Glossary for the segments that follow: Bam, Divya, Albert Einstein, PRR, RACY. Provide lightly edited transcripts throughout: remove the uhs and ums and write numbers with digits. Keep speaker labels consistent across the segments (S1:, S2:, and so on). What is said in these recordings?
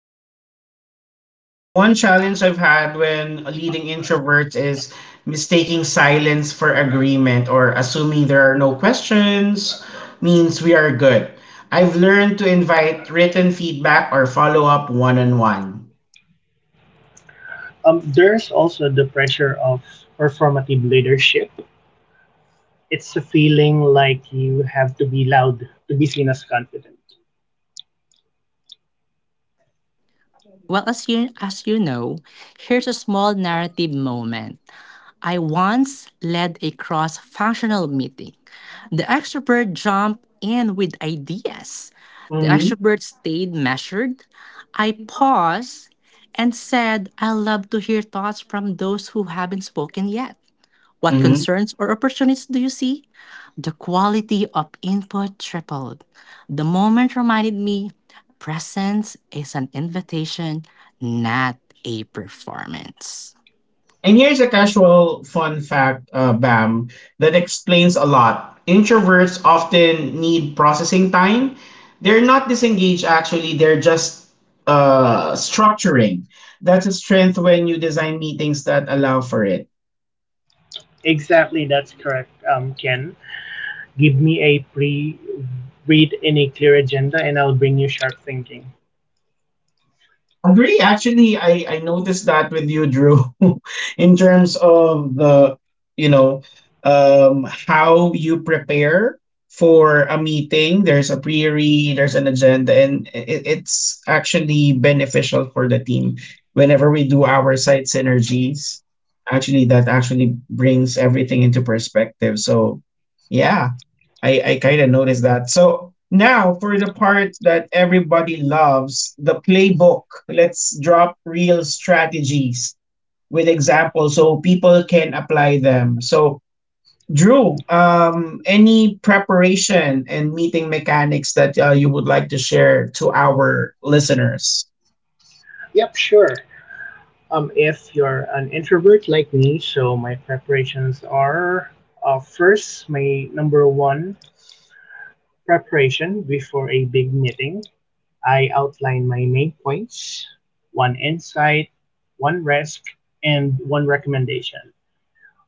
S1: Bam and Drew, one challenge I've had when leading introverts is mistaking silence for agreement or assuming there are no questions means we are good. I've learned to invite written feedback or follow up one on one.
S2: There's also the pressure of performative leadership. It's a feeling like you have to be loud to be seen as confident.
S3: Well, as you know, here's a small narrative moment. I once led a cross-functional meeting. The extrovert jumped in with ideas. The
S1: Mm-hmm.
S3: extrovert stayed measured. I paused and said, "I love to hear thoughts from those who haven't spoken yet. What concerns or opportunities do you see?" The quality of input tripled. The moment reminded me presence is an invitation, not a performance.
S1: And here's a casual fun fact, Bam, that explains a lot. Introverts often need processing time. They're not disengaged, actually, they're just structuring. That's a strength when you design meetings that allow for it.
S2: Exactly, that's correct, Ken. Give me a pre read in a clear agenda and I'll bring you sharp thinking.
S1: Agree. Actually, I noticed that with you, Drew, in terms of the you know how you prepare for a meeting. There's a pre-read, there's an agenda, and it's actually beneficial for the team. Whenever we do our site synergies, actually that actually brings everything into perspective. So yeah, I kind of noticed that. So now for the part that everybody loves, the playbook. Let's drop real strategies with examples so people can apply them. So Drew, any preparation and meeting mechanics that you would like to share to our listeners?
S2: Yep, sure. If you're an introvert like me, so my preparations are first, my number one preparation before a big meeting, I outline my main points, one insight, one risk, and one recommendation.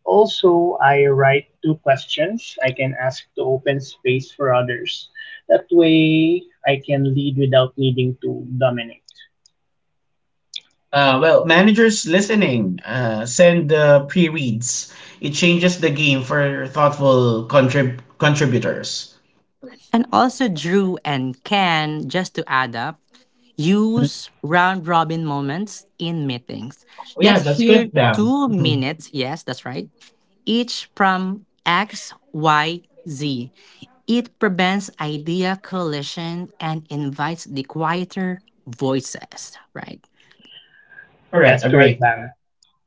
S2: Also, I write two questions I can ask to open space for others. That way, I can lead without needing to dominate.
S1: Well, managers listening, send pre-reads. It changes the game for thoughtful contributors.
S3: And also, Drew and Ken, just to add up, use round robin moments in meetings.
S1: Oh,
S3: Let's
S1: yeah, that's
S3: hear
S1: good, Bam.
S3: two
S1: Mhm.
S3: minutes, yes, that's right, each from X, Y, Z. It prevents idea collision and invites the quieter voices, right?
S2: That's
S1: Correct,
S2: correct,
S1: agree.
S2: Bang.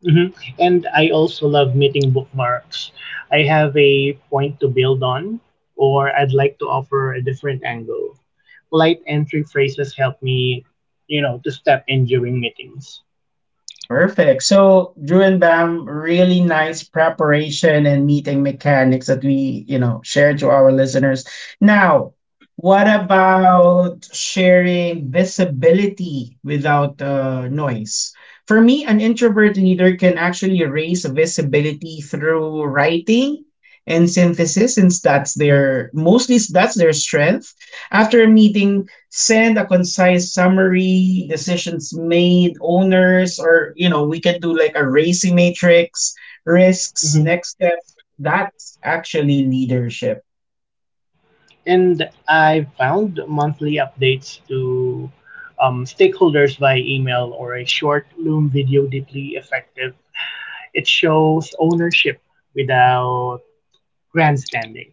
S2: Mhm. And I also love meeting bookmarks. I have a point to build on, or I'd like to offer a different angle. Polite entry phrases help me, you know, to step in during meetings.
S1: Perfect. So, Drew and Bam, really nice preparation and meeting mechanics that we you know, shared to our listeners. Now, what about sharing visibility without noise? For me, an introvert leader can actually raise visibility through writing and synthesis, since that's their strength. After a meeting, send a concise summary, decisions made, owners, or we can do like a racy matrix, risks,
S2: Mhm.
S1: next step. That's actually leadership.
S2: And I found monthly updates to stakeholders by email or a short Loom video deeply effective. It shows ownership without grandstanding.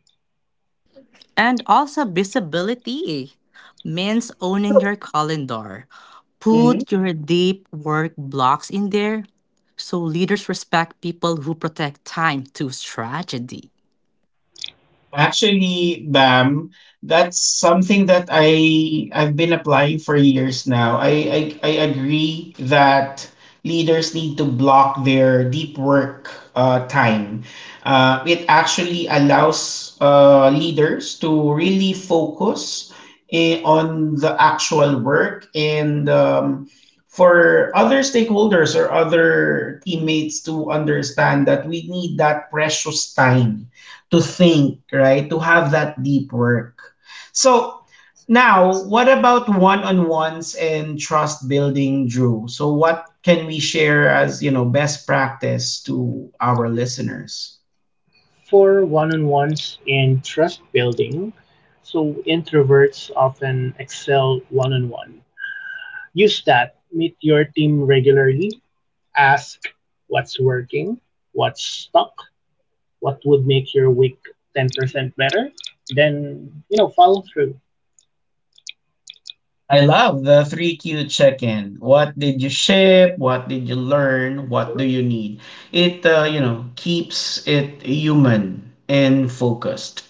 S3: And also visibility means owning your calendar.
S1: Mm-hmm.
S3: Put your deep work blocks in there so leaders respect people who protect time to strategy.
S1: Actually, Bam, that's something that I've been applying for years now. I agree that leaders need to block their deep work time. It actually allows leaders to really focus on the actual work and for other stakeholders or other teammates to understand that we need that precious time to think, right? To have that deep work. So now, what about one-on-ones and trust building, Drew? So what can we share as best practice to our listeners?
S2: For one on ones and trust building, so introverts often excel one on one. Use that, meet your team regularly, ask what's working, what's stuck, what would make your week 10% better, then, you know, follow through.
S1: I love the 3Q check-in. What did you ship? What did you learn? What do you need? It keeps it human and focused.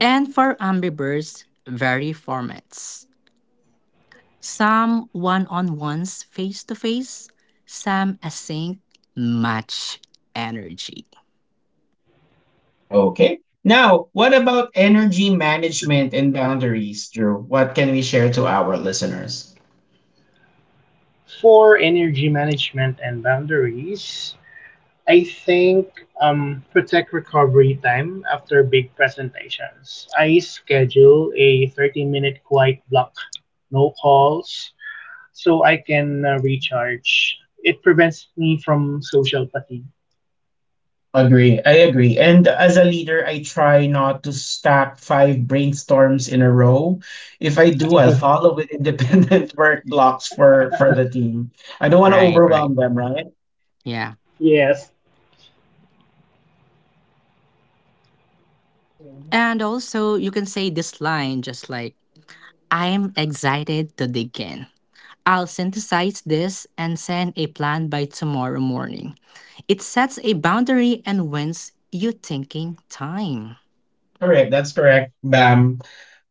S3: And for Ambivers, vary formats. Some one on ones face to face, some async, much energy.
S1: Okay. Now, what about energy management and boundaries, Drew? What can we share to our listeners?
S2: For energy management and boundaries, I think protect recovery time after big presentations. I schedule a 30-minute quiet block, no calls, so I can recharge. It prevents me from social fatigue.
S1: Agree. I agree. And as a leader, I try not to stack five brainstorms in a row. If I do, I'll follow with independent work blocks for the team. I don't want to
S3: Right, right.
S1: overwhelm them, right?
S3: Yeah.
S2: Yes.
S3: And also, you can say this line just like, "I'm excited to begin. I'll synthesize this and send a plan by tomorrow morning." It sets a boundary and wins you thinking time.
S1: Correct. That's correct, Bam.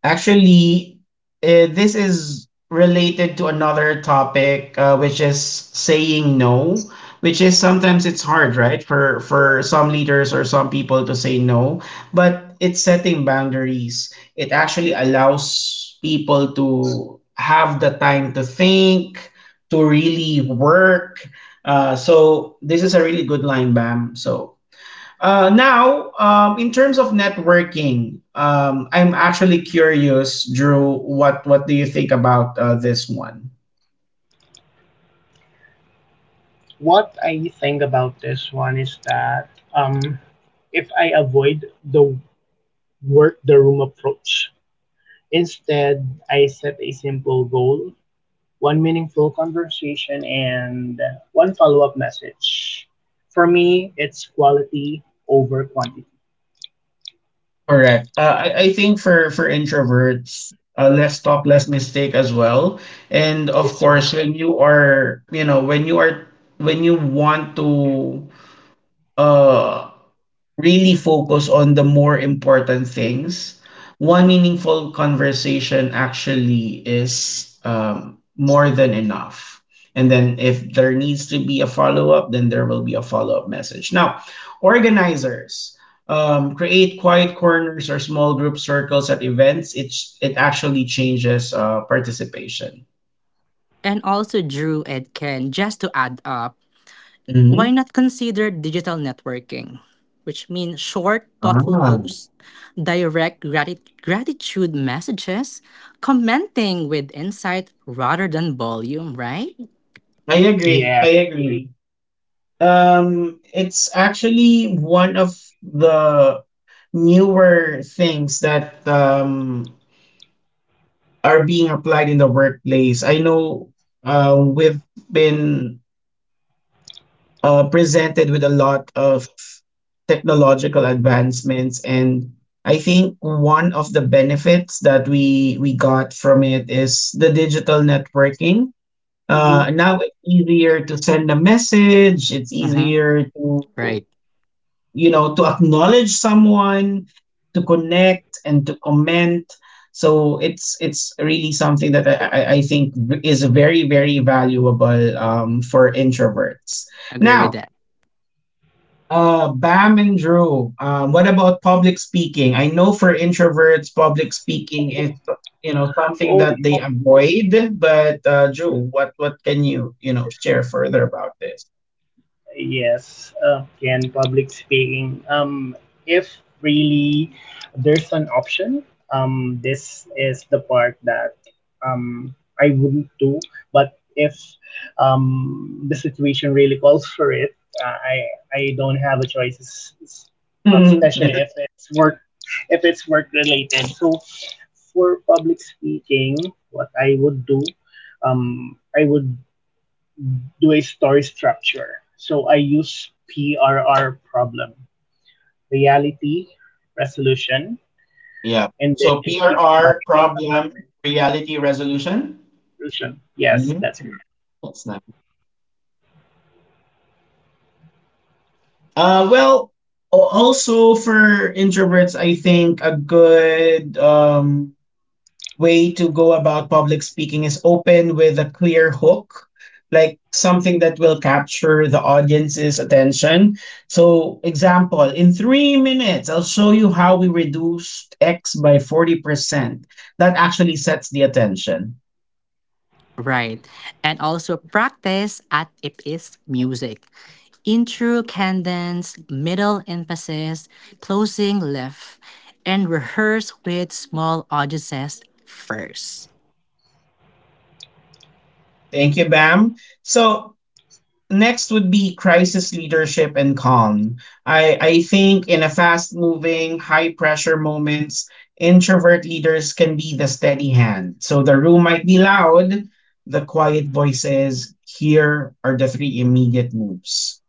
S1: Actually, this is related to another topic, which is saying no, which is sometimes it's
S2: Mm-hmm.
S1: hard, right, for some leaders or some people to say no, but it's setting boundaries. It actually allows people to have the time to think, to really work. So this is a really good line, Bam. So now, in terms of networking, I'm actually curious, Drew. What do you think about this one?
S2: What I think about this one is that um, if I avoid the work the room approach. Instead, I set a simple goal, one meaningful conversation, and one follow up message. For me, it's quality over quantity.
S1: Correct. I think for introverts, less talk, less mistake as well. And of
S2: Yes, sir.
S1: course, when you are, you know, when you are, when you want to uh really focus on the more important things. One meaningful conversation actually is more than enough. And then if there needs to be a follow up, then there will be a follow up message. Now, organizers create quiet corners or small group circles at events. It actually changes participation.
S3: And also, Drew and Ken, just to add up, why
S1: Mhm.
S3: not consider digital networking? Which means short, thoughtful
S1: Ah.
S3: posts, direct gratitude messages, commenting with insight rather than volume, right?
S1: I agree. I
S2: Yes, I
S1: agree.
S2: agree.
S1: It's actually one of the newer things that are being applied in the workplace. I know we've been presented with a lot of technological advancements, and I think one of the benefits that we got from it is the digital networking.
S2: Mm-hmm.
S1: Now it's easier to send a message. It's
S3: Mm-hmm.
S1: easier to
S3: Right.
S1: you know to acknowledge someone to connect and to comment so it's really something that I think is very very valuable for introverts
S3: Agree with
S1: now
S3: that.
S1: Bam and Drew, what about public speaking? I know for introverts, public speaking is something
S2: Oh
S1: that they
S2: no!
S1: avoid. But Drew, what can you you know share further about this?
S2: Yes, and public speaking. If really there's an option, this is the part that I wouldn't do. But if the situation really calls for it, I don't have a choice, especially if it's work, if it's work related. So for public speaking, what I would do a story structure. So I use PRR problem, reality, resolution,
S1: Yeah.
S2: and then
S1: So
S2: it gives
S1: PRR
S2: my talk
S1: problem
S2: assessment
S1: reality resolution.
S2: resolution. Yes, that's
S1: Mhm.
S2: correct.
S1: That's nice. Well, also for introverts, I think a good way to go about public speaking is open with a clear hook, like something that will capture the audience's attention. So, example, in 3 minutes, I'll show you how we reduced X by 40%. That actually sets the attention.
S3: Right. And also practice at its music. Intro cadence, middle emphasis, closing lift, and rehearse with small audiences first.
S1: Thank you, Bam. So next would be crisis leadership and calm. I think in a fast moving, high pressure moments, introvert leaders can be the steady hand. So the room might be loud, the quiet voices. Here are the three immediate moves.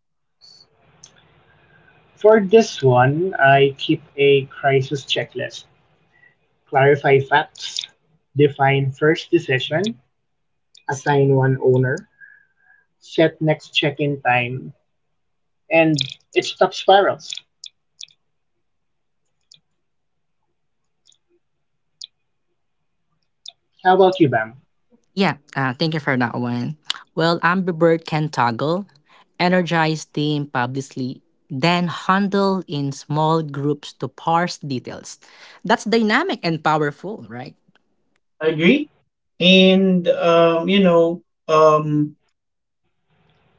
S2: For this one, I keep a crisis checklist. Clarify facts, define first decision, assign one owner, set next check-in time, and it stops spirals. How about you, Bam?
S3: Yeah, thank you for that one. Well, Amber can toggle, energize team publicly, then handle in small groups to parse details. That's dynamic and powerful, right?
S1: Agree? And um,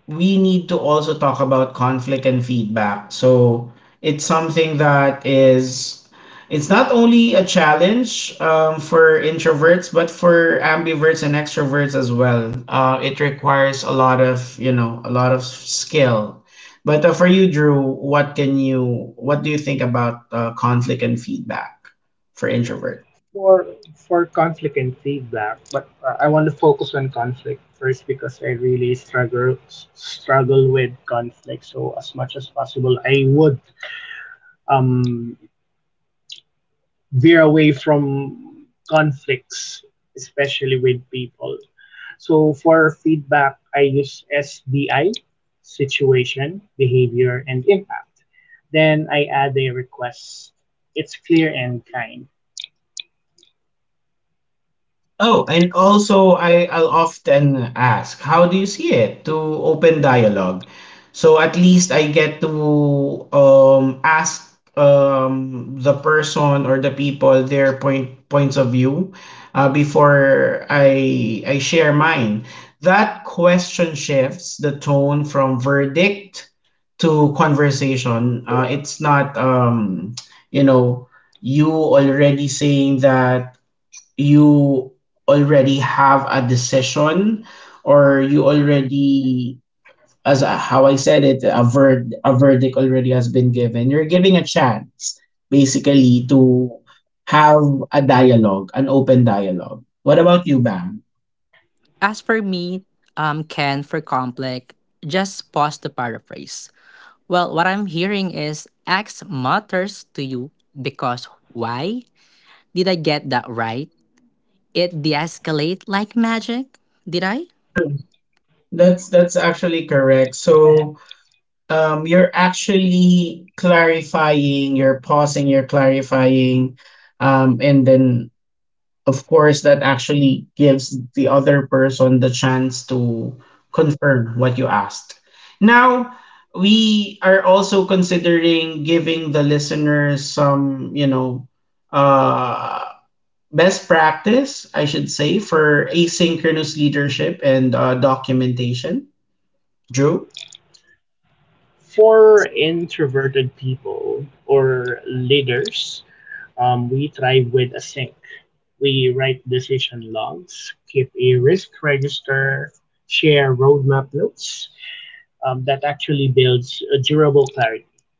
S1: we need to also talk about conflict and feedback. So it's something that is it's not only a challenge for introverts but for ambiverts and extroverts as well. It requires a lot of a lot of skill. But for you, Drew, what do you think about conflict and feedback for introverts?
S2: for for conflict and feedback, but I want to focus on conflict first because I really struggle with conflict. So as much as possible I would um veer away from conflicts, especially with people. So for feedback I use SBI, situation, behavior, and impact, then I add a request. It's clear and kind.
S1: Oh, and also I'll often ask, "How do you see it?" To open dialogue. So at least I get to ask the person or the people their points of view, before I share mine. That question shifts the tone from verdict to conversation. It's not you know you already saying that you already have a decision, or you already, as a, how I said it, a verd a verdict already has been given. You're giving a chance basically to have a dialogue, an open dialogue. What about you, Bam?
S3: As for me, Ken, for complex, just pause to paraphrase. Well, what I'm hearing is X matters to you because why? Did I get that right? It de escalate like magic? Did I?
S1: That's actually correct. So you're actually clarifying, you're pausing, you're clarifying, and then of course that actually gives the other person the chance to confirm what you asked. Now we are also considering giving the listeners some, uh, best practice, I should say, for asynchronous leadership and documentation. Drew?
S2: For introverted people or leaders, we thrive with async. We write decision logs, keep a risk register, share roadmap notes. That actually builds a durable clarity.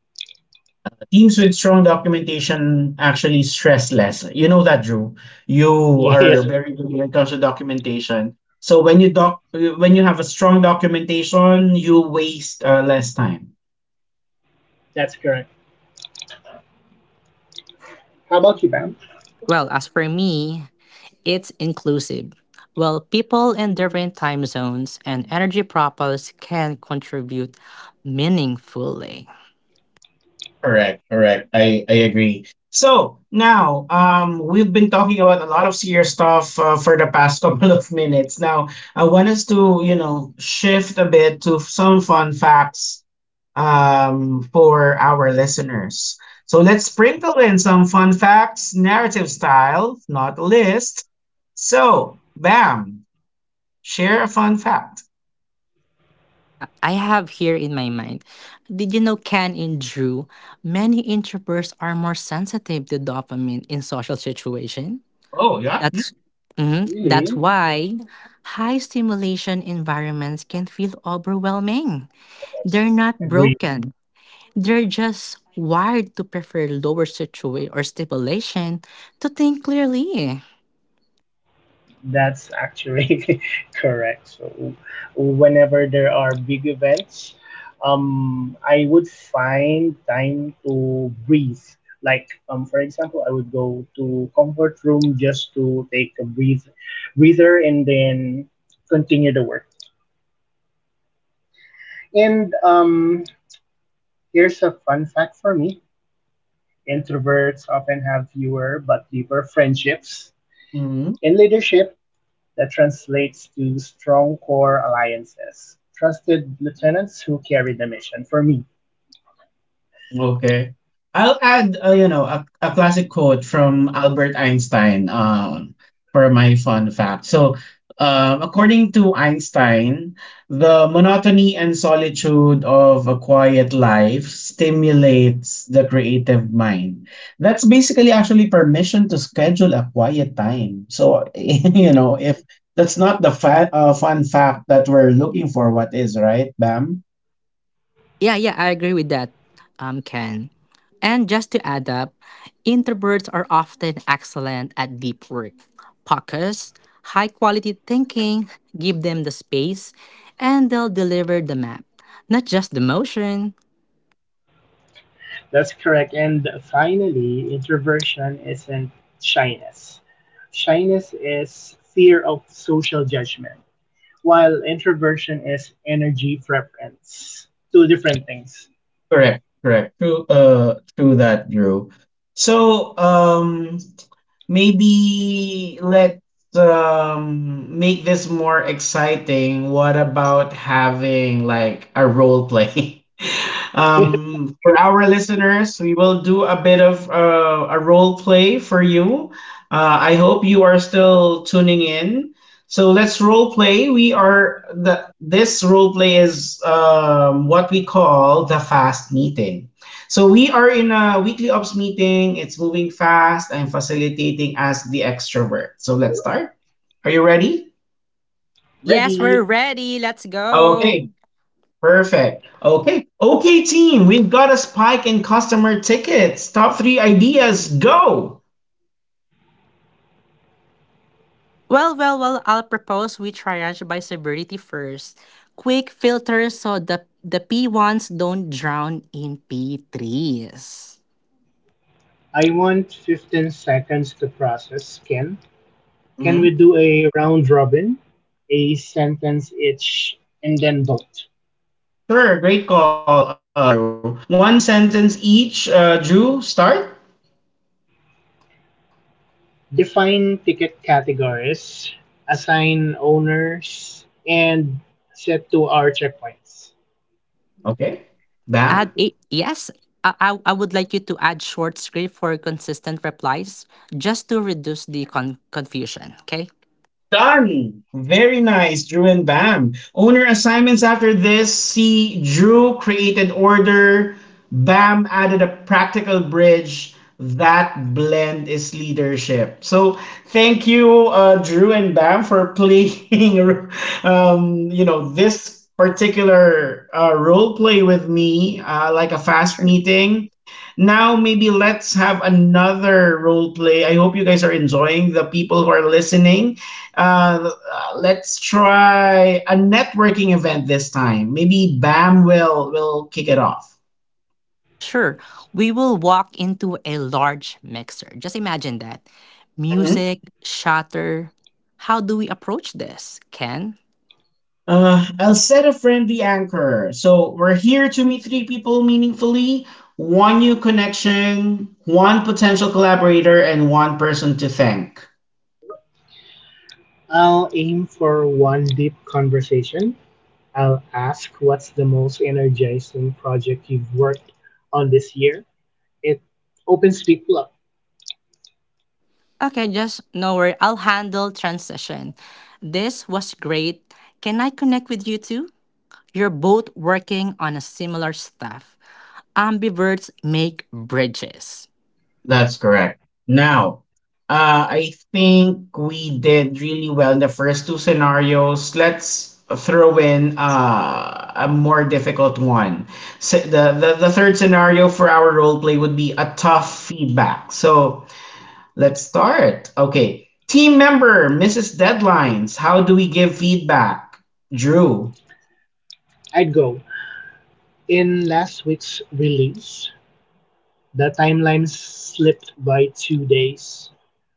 S1: Teams with strong documentation actually stress less. You know that, Drew. You are
S2: Yes,
S1: very good when it comes to documentation. So when you when you have a strong documentation, you waste less time.
S2: that's correct. How about you, Pam?
S3: Well, as for me, it's inclusive. Well, people in different time zones and energy profiles can contribute meaningfully.
S1: Correct, correct. I agree. So now, we've been talking about a lot of serious stuff for the past couple of minutes. Now, I want us to, you know, shift a bit to some fun facts for our listeners. So let's sprinkle in some fun facts, narrative style, not a list. So, Bam, share a fun fact.
S3: Yeah, I have here in my mind. Did you know Ken and Drew? Many introverts are more sensitive to dopamine in social situation.
S1: Oh, yeah.
S3: That's mhm, that's
S2: Really?
S3: why high stimulation environments can feel overwhelming.
S1: That's
S3: They're not
S2: Agree.
S3: broken. They're just wired to prefer lower situation or stimulation to think clearly.
S2: That's actually correct. So whenever there are big events, I would find time to breathe. Like for example, I would go to comfort room just to take a breathe, breather, and then continue the work. And here's a fun fact for me: introverts often have fewer but deeper friendships.
S1: true.
S2: In leadership, that translates to strong core alliances. Trusted lieutenants who carry the mission for me.
S1: Okay. I'll add, you know, a classic quote from Albert Einstein for my fun fact. So, according to Einstein, the monotony and solitude of a quiet life stimulates the creative mind. That's basically actually permission to schedule a quiet time. So, you know, if that's not the fun fact that we're looking for, what is, right, Bam?
S3: Yeah, yeah, I agree with that, Ken. And just to add up, introverts are often excellent at deep work. Focus, high quality thinking, give them the space, and they'll deliver the map, not just the motion.
S2: That's correct. And finally, introversion isn't shyness. Shyness is fear of social judgment, while introversion is energy preference. Two different things.
S1: Correct, correct. True, true that, Drew. So, maybe let's make this more exciting. What about having like a role play?
S2: Why
S1: For
S2: not?
S1: our listeners, we will do a bit of a role play for you. I hope you are still tuning in. So let's role play. We are the this role play is what we call the fast meeting. So we are in a weekly ops meeting. It's moving fast. I'm facilitating as the extrovert. So let's start. Are you ready?
S3: Yes, we're
S2: Ready?
S3: ready. Let's go.
S1: Okay, perfect. Okay. Okay, team, we've got a spike in customer tickets. Top three ideas, go.
S3: Well, I'll propose we triage by severity first. Quick filters so the P1s don't drown in P3s.
S2: I want 15 seconds to process, Ken. Can we
S1: Mhm.
S2: do a round robin, a sentence each, and then vote?
S1: Sure, great call, Drew. One sentence each, Drew, start.
S2: Define ticket categories, assign owners, and set to our checkpoints.
S1: Okay. Bam.
S3: Add a yes. I would like you to add short script for consistent replies just to reduce the confusion. Okay.
S1: Done. Very nice, Drew and Bam. Owner assignments after this. See, Drew created order. Bam added a practical bridge. That blend is leadership. So thank you, Drew and Bam, for playing. Um, you know, this particular role play with me, like a fast
S3: Sure.
S1: meeting. Now, maybe let's have another role play. I hope you guys are enjoying, the people who are listening. Let's try a networking event this time. Maybe Bam will kick it off.
S3: Sure, we will walk into a large mixer. Just imagine that.
S1: Mhm.
S3: Music, shatter. How do we approach this, Ken?
S1: I'll set a friendly anchor. So we're here to meet three people meaningfully, one new connection, one potential collaborator, and one person to thank.
S2: I'll aim for one deep conversation. I'll ask what's the most energizing project you've worked on this year. It opens people up.
S3: Okay, just no worry. I'll handle transition. This was great. Can I connect with you too? You're both working on a similar stuff. Ambiverts make bridges.
S1: That's correct. Now, I think we did really well in the first two scenarios. Let's throw in a more difficult one. So the third scenario for our role play would be a tough feedback. So let's start. Okay. Team member, Mrs. Deadlines, how do we give feedback? Drew.
S2: I'd go. In last week's release, the timeline slipped by 2 days,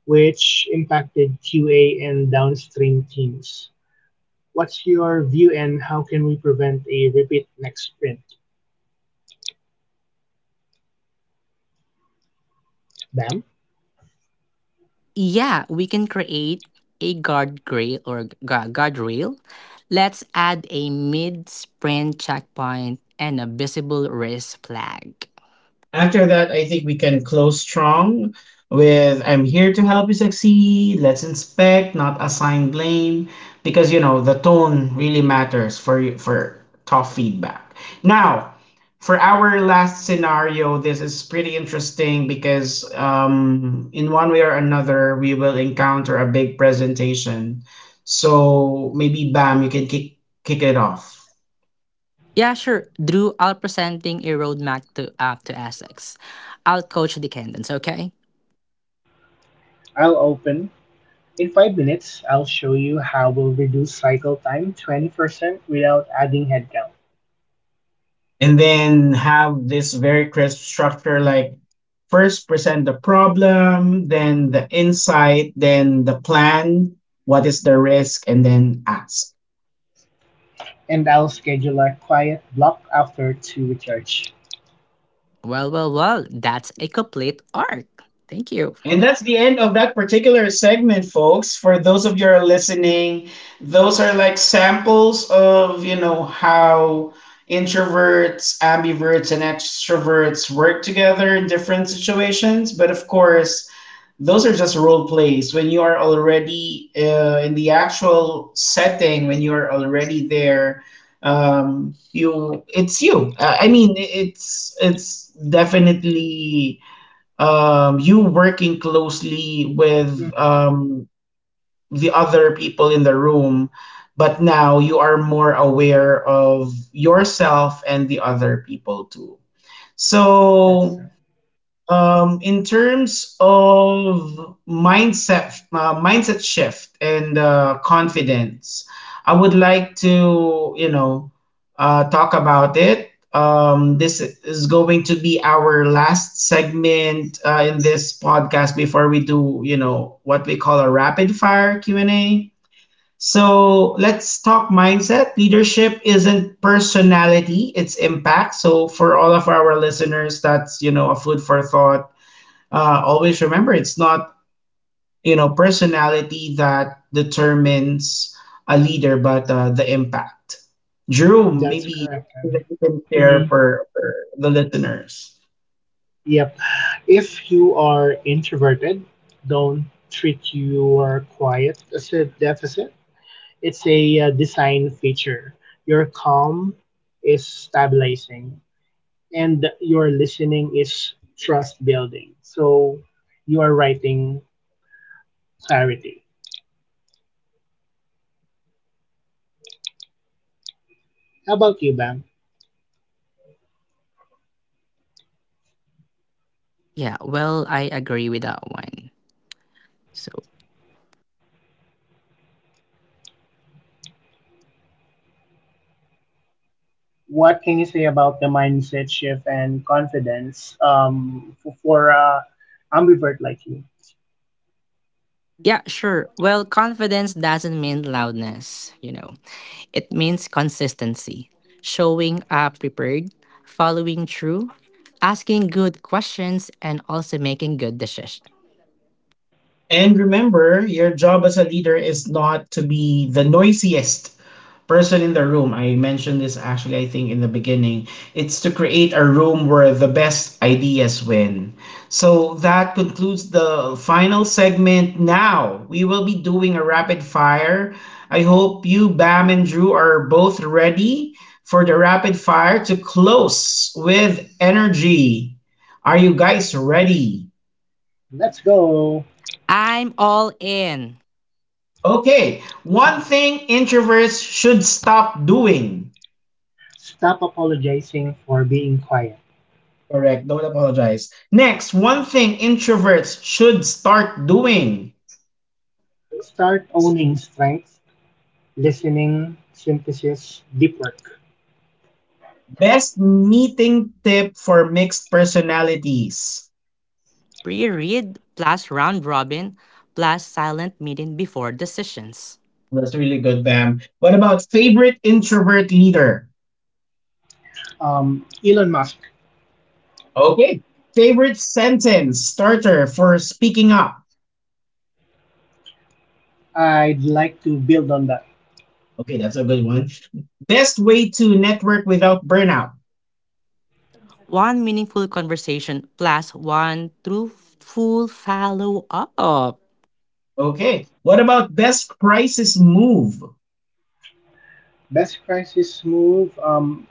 S2: which impacted QA and downstream teams. What's your view and how can we prevent a repeat next sprint? Bam.
S3: Yeah, we can create a guardrail. Let's add a mid-sprint checkpoint and a visible risk flag.
S1: After that, I think we can close strong with, I'm here to help you succeed. Let's inspect, not assign blame, because you know the tone really matters for tough feedback. Now, for our last scenario, this is pretty interesting because in one way or another, we will encounter a big presentation. So maybe Bam, you can kick it off.
S3: Yeah, sure. Drew, I'll presenting a roadmap to up to Essex. I'll coach the candidates, okay?
S2: I'll open. In 5 minutes, I'll show you how we'll reduce cycle time 20% without adding headcount.
S1: And then have this very crisp structure, like first present the problem, then the insight, then the plan, what is the risk, and then ask.
S2: And I'll schedule a quiet block after to recharge.
S3: Well, that's a complete arc. Thank you.
S1: And that's the end of that particular segment, folks. For those of you who are listening, those are like samples of, you know, how introverts, ambiverts, and extroverts work together in different situations. But of course, those are just role plays. When you are already in the actual setting, when you are already there, you, it's you I mean, it's definitely you working closely with
S2: Mm-hmm.
S1: the other people in the room. But now you are more aware of yourself and the other people too.
S2: That's,
S1: So,
S2: uh,
S1: in terms of mindset, mindset shift and confidence, I would like to, you know, talk about it. This is going to be our last segment in this podcast before we do, you know, what we call a rapid fire Q&A. So let's talk mindset. Leadership isn't personality; it's impact. So for all of our listeners, that's, you know, a food for thought. Uh, always remember, it's not, you know, personality that determines a leader, but the impact. Drew,
S2: that's
S1: maybe
S2: correct.
S1: you can share
S2: Mm-hmm.
S1: for the listeners.
S2: Yep. If you are introverted, don't treat your quiet as a deficit. It's a design feature. Your calm is stabilizing and your listening is trust building. So you are writing clarity. How about you, Bam?
S3: Yeah, well, I agree with that one. So
S2: What can you say about the mindset shift and confidence for ambivert like you?
S3: yeah, sure. Well, confidence doesn't mean loudness. It means consistency, showing up prepared, following through, asking good questions, and also making good decisions.
S1: And remember, your job as a leader is not to be the noisiest person in the room. I mentioned this actually, I think, in the beginning. It's to create a room where the best ideas win. So that concludes the final segment. Now we will be doing a rapid fire. I hope you, Bam, and Drew are both ready for the rapid fire to close with energy. Are you guys ready?
S2: Let's go.
S3: I'm all in.
S1: Okay, one thing introverts should stop doing.
S2: Stop apologizing for being quiet.
S1: Correct. Don't apologize. Next, one thing introverts should start doing.
S2: Start owning strengths, listening, synthesis, deep work.
S1: Best meeting tip for mixed personalities.
S3: Pre read plus round robin plus silent meeting before decisions.
S1: Well, that's really good, Bam. What about favorite introvert leader?
S2: Elon Musk.
S1: Okay. Favorite sentence starter for speaking up.
S2: I'd like to build on that.
S1: Okay, that's a good one. Best way to network without burnout.
S3: One meaningful conversation plus one truthful follow up.
S1: Okay. What about best crisis move?
S2: Best crisis move,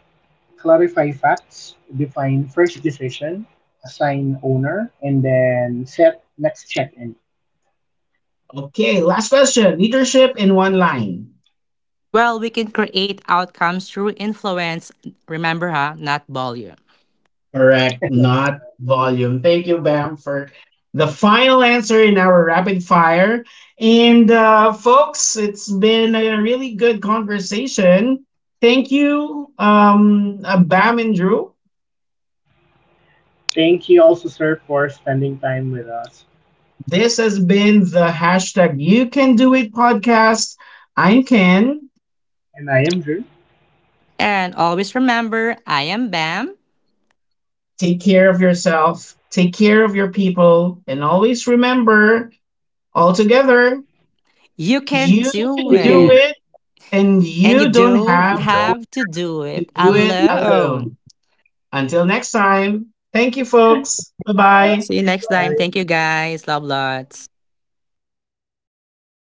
S2: clarify facts, define first decision, assign owner, and then set next check-in.
S1: Okay, last question. Leadership in one line.
S3: Well, we can create outcomes through influence. Remember, not volume.
S1: Correct,
S2: That's
S1: not
S2: right.
S1: volume. Thank you,
S2: Go
S1: Bam,
S2: you.
S1: for the final answer in our rapid fire. And folks, it's been a really good conversation. Thank you, Bam and Drew.
S2: Thank you also, sir, for spending time with us.
S1: This has been the #YouCanDoIt podcast. I'm Ken.
S2: And I am Drew.
S3: And always remember, I am Bam.
S1: Take care of yourself, take care of your people, and always remember, all together,
S3: You can
S1: you
S3: do
S2: You
S1: can
S2: can
S1: do
S3: it.
S1: it,
S2: do it
S1: and
S3: And you
S1: you don't
S2: and
S3: don't
S2: you
S1: have
S2: don't
S3: have to
S2: have
S3: do
S1: to
S3: it
S2: to
S1: do it
S2: do it
S3: alone.
S1: alone.
S2: alone.
S1: Until next time, thank you,
S2: Till
S1: folks. Bye
S2: next
S1: bye.
S3: See
S2: time,
S3: you next time.
S2: goodbye.
S3: Thank you guys. Love lots.